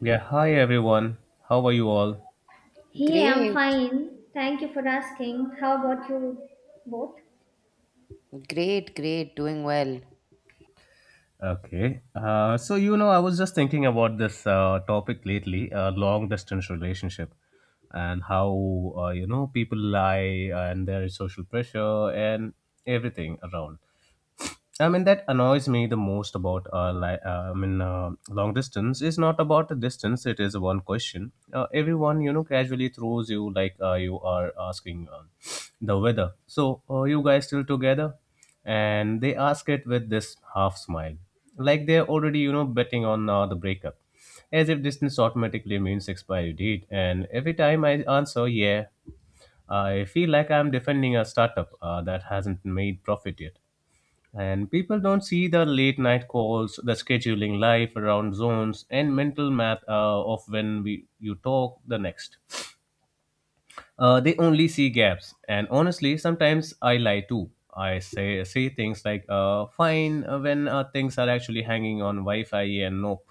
Yeah, hi everyone. How are you all? Hey, I'm Great, fine. Thank you for asking. How about you both? great, doing well. Okay. I was just thinking about this topic lately, long distance relationship and how people lie, and there is social pressure and everything around. I mean, that annoys me the most about long distance is not about the distance. It is one question. Everyone, casually throws you like you are asking the weather. So, you guys still together? And they ask it with this half smile, like they're already, you know, betting on the breakup, as if distance automatically means expiry date. And every time I answer, yeah, I feel like I'm defending a startup that hasn't made profit yet. And people don't see the late night calls, the scheduling life around zones, and mental math of when you talk the next. They only see gaps. And honestly, sometimes I lie too. I say things like "fine" when things are actually hanging on Wi-Fi and nope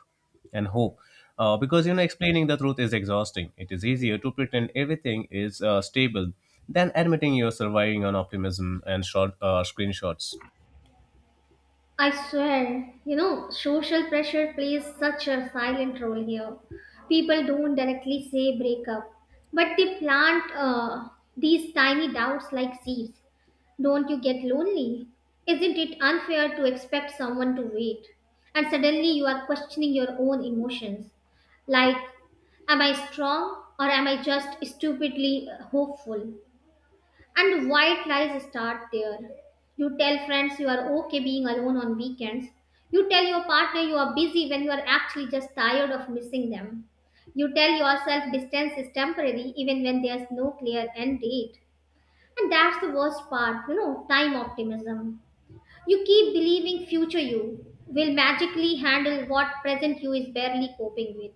and hope. Explaining the truth is exhausting. It is easier to pretend everything is stable than admitting you're surviving on optimism and short screenshots. I swear, you know, social pressure plays such a silent role here. People don't directly say break up, but they plant these tiny doubts like seeds. Don't you get lonely? Isn't it unfair to expect someone to wait? And suddenly you are questioning your own emotions. Like, am I strong or am I just stupidly hopeful? And white lies start there. You tell friends you are okay being alone on weekends. You tell your partner you are busy when you are actually just tired of missing them. You tell yourself distance is temporary even when there's no clear end date. And that's the worst part, you know, time optimism. You keep believing future you will magically handle what present you is barely coping with.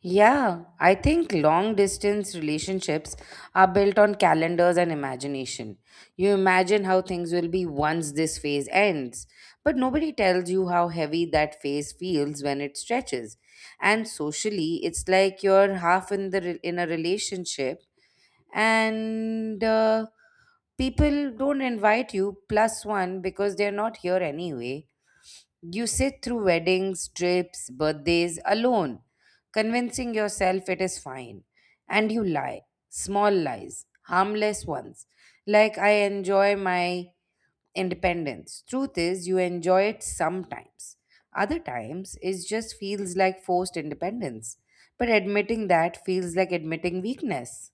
Yeah, I think long distance relationships are built on calendars and imagination. You imagine how things will be once this phase ends, but nobody tells you how heavy that phase feels when it stretches. And socially, it's like you're half in the re- in a relationship and people don't invite you plus one because they're not here anyway. You sit through weddings, trips, birthdays alone, convincing yourself it is fine. And you lie. Small lies, harmless ones. Like, I enjoy my independence. Truth is, you enjoy it sometimes. Other times, it just feels like forced independence. But admitting that feels like admitting weakness.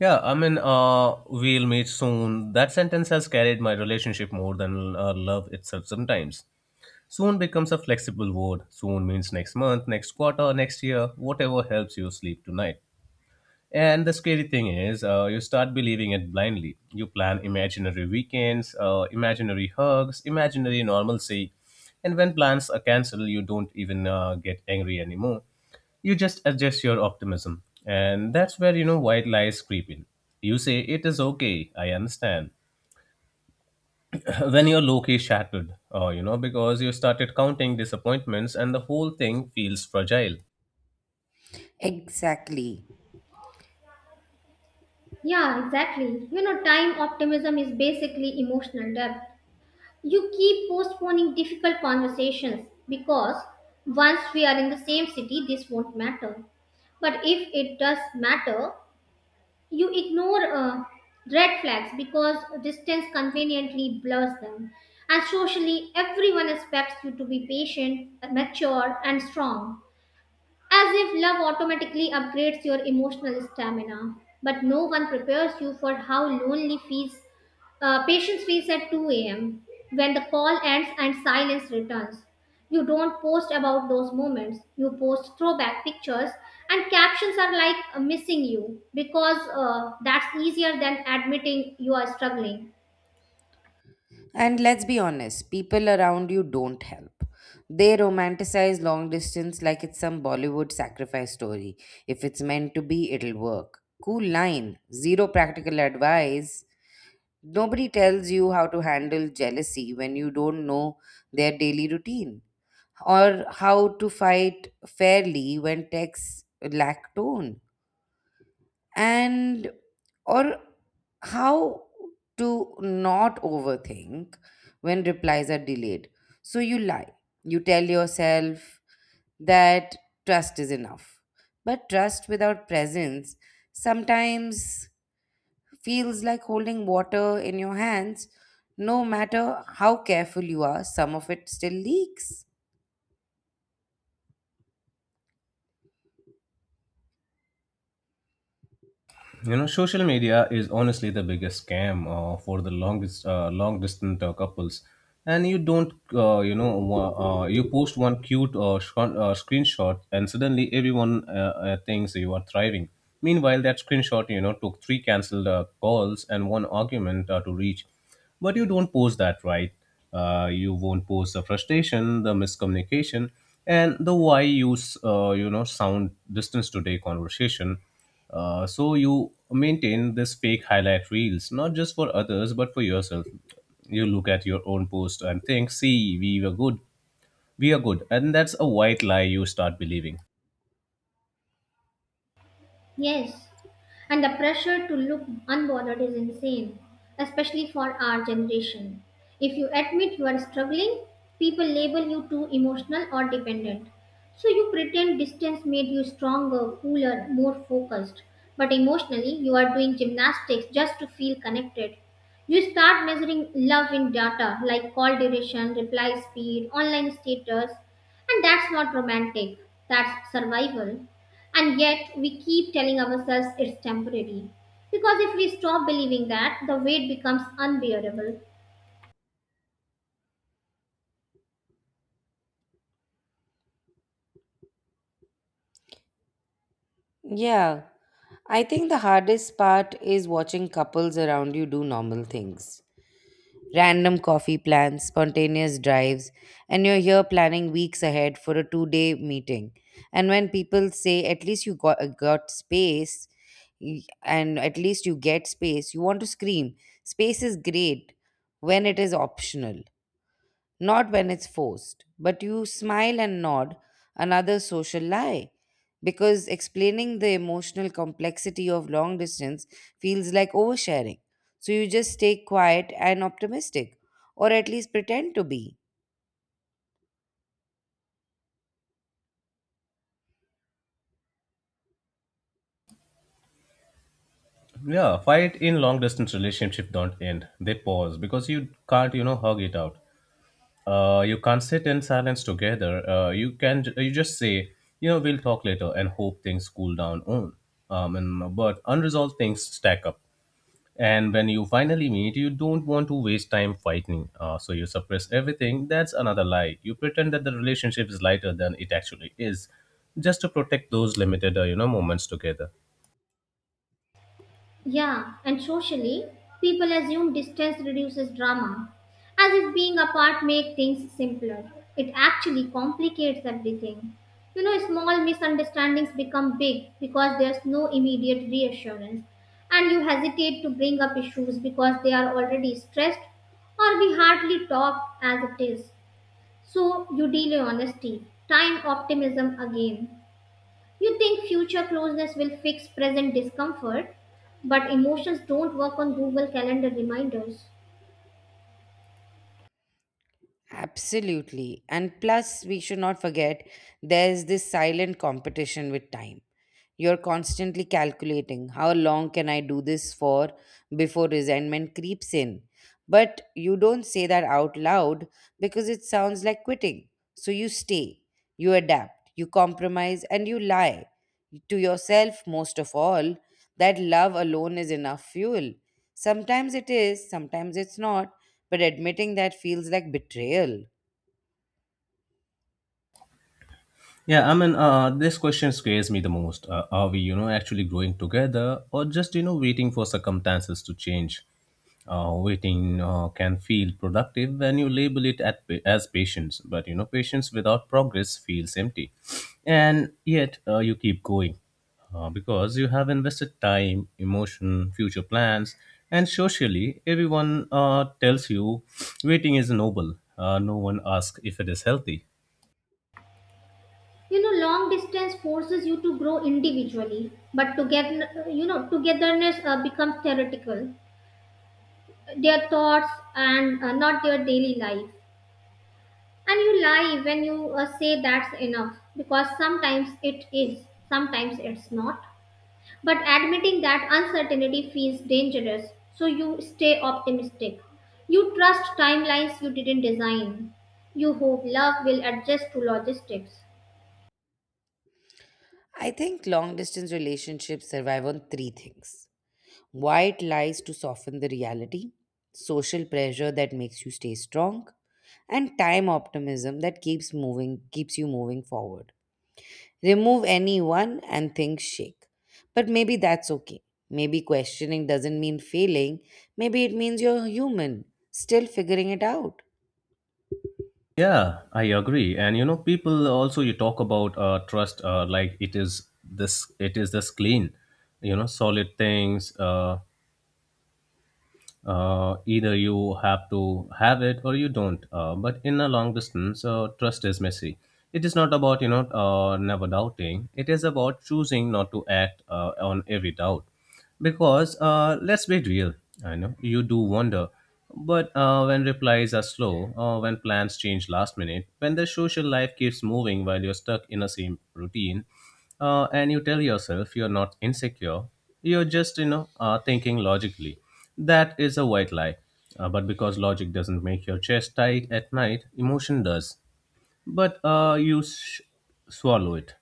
We'll meet soon. That sentence has carried my relationship more than love itself sometimes. Soon becomes a flexible word. Soon means next month, next quarter, next year, whatever helps you sleep tonight. And the scary thing is, you start believing it blindly. You plan imaginary weekends, imaginary hugs, imaginary normalcy. And when plans are cancelled, you don't even get angry anymore. You just adjust your optimism. And that's where, you know, white lies creep in. You say, it is okay, I understand. When you're low key shattered, because you started counting disappointments and the whole thing feels fragile. Exactly. Yeah, exactly. You know, time optimism is basically emotional depth. You keep postponing difficult conversations because once we are in the same city, this won't matter. But if it does matter, you ignore red flags because distance conveniently blurs them. And socially, everyone expects you to be patient, mature, and strong. As if love automatically upgrades your emotional stamina, but no one prepares you for how lonely feels, patience feels at 2 a.m. when the call ends and silence returns. You don't post about those moments. You post throwback pictures, and captions are like missing you because that's easier than admitting you are struggling. And let's be honest, people around you don't help. They romanticize long distance like it's some Bollywood sacrifice story. If it's meant to be, it'll work. Cool line, zero practical advice. Nobody tells you how to handle jealousy when you don't know their daily routine or how to fight fairly when texts lack tone and or how to not overthink when replies are delayed, so you lie, you tell yourself that trust is enough, but trust without presence sometimes feels like holding water in your hands. No matter how careful you are, some of it still leaks. You know, social media is honestly the biggest scam for the longest, long distance couples. And you don't, you know, wa- you post one cute screenshot, and suddenly everyone thinks you are thriving. Meanwhile, that screenshot, you know, took three cancelled calls and one argument to reach. But you don't post that, right? You won't post the frustration, the miscommunication, and the why you sound distance today conversation, so you maintain this fake highlight reels, not just for others, but for yourself. You look at your own post and think, see, we were good. We are good. And that's a white lie you start believing. Yes, and the pressure to look unbothered is insane, especially for our generation. If you admit you are struggling, people label you too emotional or dependent. So you pretend distance made you stronger, cooler, more focused, but emotionally you are doing gymnastics just to feel connected. You start measuring love in data like call duration, reply speed, online status, and that's not romantic, that's survival. And yet, we keep telling ourselves it's temporary. Because if we stop believing that, the weight becomes unbearable. Yeah, I think the hardest part is watching couples around you do normal things. Random coffee plans, spontaneous drives, and you're here planning weeks ahead for a 2 day meeting. And when people say, at least you got space, and at least you get space, you want to scream. Space is great when it is optional. Not when it's forced, but you smile and nod, another social lie. Because explaining the emotional complexity of long distance feels like oversharing. So you just stay quiet and optimistic, or at least pretend to be. Yeah, fight in long distance relationship don't end. They pause because you can't, you know, hug it out. You can't sit in silence together. You can you just say, you know, we'll talk later and hope things cool down on. And But unresolved things stack up. And when you finally meet, you don't want to waste time fighting, so you suppress everything. That's another lie. You pretend that the relationship is lighter than it actually is, just to protect those limited, moments together. Yeah, and socially, people assume distance reduces drama, as if being apart makes things simpler. It actually complicates everything. You know, small misunderstandings become big because there's no immediate reassurance, and you hesitate to bring up issues because they are already stressed or we hardly talk as it is. So you deal in honesty, time optimism again. You think future closeness will fix present discomfort, but emotions don't work on Google Calendar reminders. Absolutely. And plus, we should not forget there's this silent competition with time. You're constantly calculating how long can I do this for before resentment creeps in. But you don't say that out loud because it sounds like quitting. So you stay, you adapt, you compromise, and you lie to yourself most of all that love alone is enough fuel. Sometimes it is, sometimes it's not, but admitting that feels like betrayal. This question scares me the most. Are we, you know, actually growing together, or just, you know, waiting for circumstances to change? Waiting can feel productive when you label it as patience, but you know patience without progress feels empty, and yet you keep going, because you have invested time, emotion, future plans, and socially everyone tells you waiting is noble. No one asks if it is healthy. You know, long distance forces you to grow individually, but together, you know, togetherness becomes theoretical. Their thoughts and not their daily life. And you lie when you say that's enough, because sometimes it is, sometimes it's not. But admitting that uncertainty feels dangerous, so you stay optimistic. You trust timelines you didn't design. You hope love will adjust to logistics. I think long distance relationships survive on three things: white lies to soften the reality, social pressure that makes you stay strong, and time optimism that keeps you moving forward. Remove any one and things shake. But maybe that's okay. Maybe questioning doesn't mean failing. Maybe it means you're human, still figuring it out. Yeah, I agree. And you know, people also you talk about trust like it is this clean, you know, solid things. Either you have to have it or you don't, but in a long distance, trust is messy. It is not about, you know, never doubting. It is about choosing not to act on every doubt, because, let's be real, I know you do wonder. But when replies are slow, when plans change last minute, when the social life keeps moving while you're stuck in the same routine, and you tell yourself you're not insecure, you're just, you know, thinking logically, that is a white lie. But because logic doesn't make your chest tight at night, emotion does. But you swallow it.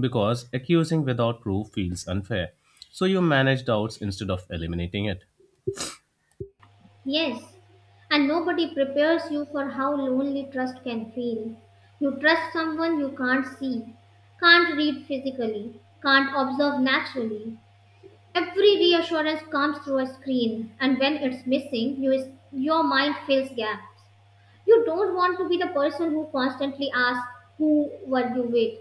Because accusing without proof feels unfair. So you manage doubts instead of eliminating it. Yes, and nobody prepares you for how lonely trust can feel. You trust someone you can't see, can't read physically, can't observe naturally. Every reassurance comes through a screen, and when it's missing, you your mind fills gap. You don't want to be the person who constantly asks, who were you with?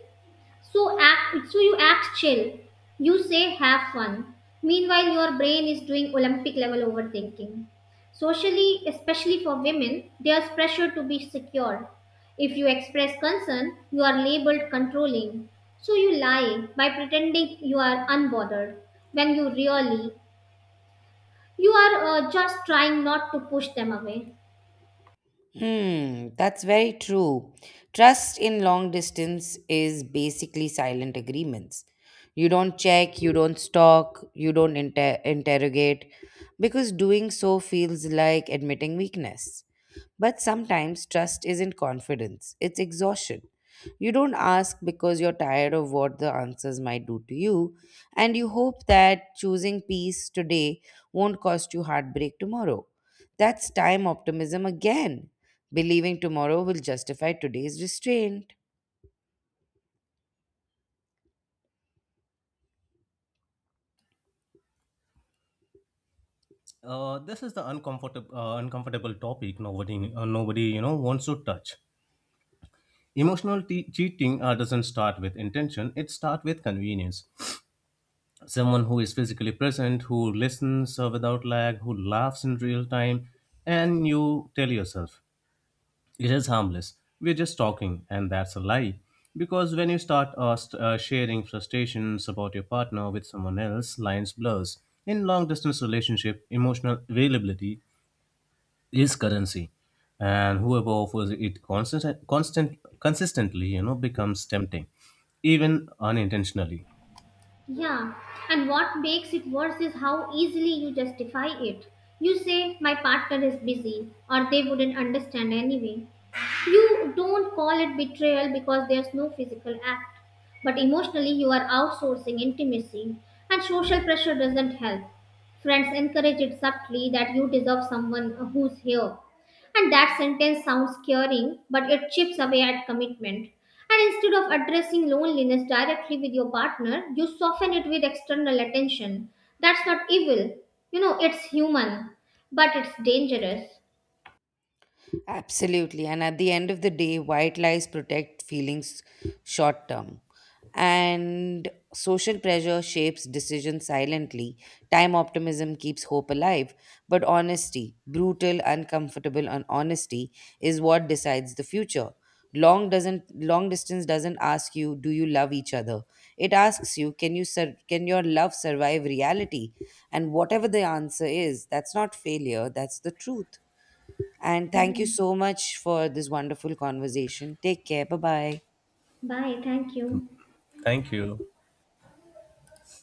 So you act chill. You say, have fun. Meanwhile, your brain is doing Olympic level overthinking. Socially, especially for women, there's pressure to be secure. If you express concern, you are labeled controlling. So you lie by pretending you are unbothered when you are just trying not to push them away. Hmm, that's very true. Trust in long distance is basically silent agreements. You don't check, you don't stalk, you don't interrogate, because doing so feels like admitting weakness. But sometimes trust isn't confidence, it's exhaustion. You don't ask because you're tired of what the answers might do to you, and you hope that choosing peace today won't cost you heartbreak tomorrow. That's time optimism again. Believing tomorrow will justify today's restraint. This is the uncomfortable topic nobody, nobody you know wants to touch. Emotional cheating doesn't start with intention; it starts with convenience. Someone who is physically present, who listens without lag, who laughs in real time, and you tell yourself, it is harmless. We're just talking, and that's a lie. Because when you start sharing frustrations about your partner with someone else, lines blurs. In long distance relationship, emotional availability is currency, and whoever offers it consistently, you know, becomes tempting, even unintentionally. Yeah, and what makes it worse is how easily you justify it. You say, my partner is busy, or they wouldn't understand anyway. You don't call it betrayal because there's no physical act, but emotionally you are outsourcing intimacy, and social pressure doesn't help. Friends encourage it subtly that you deserve someone who's here. And that sentence sounds caring, but it chips away at commitment. And instead of addressing loneliness directly with your partner, you soften it with external attention. That's not evil. You know, it's human, but it's dangerous. Absolutely. And at the end of the day, white lies protect feelings short term. And social pressure shapes decisions silently. Time optimism keeps hope alive. But honesty, brutal, uncomfortable and honesty, is what decides the future. Long distance doesn't ask you, do you love each other? It asks you, can your love survive reality? And whatever the answer is, that's not failure, that's the truth. And thank you Mhm. so much for this wonderful conversation. Take care. Bye bye. Bye. Thank you. Thank you.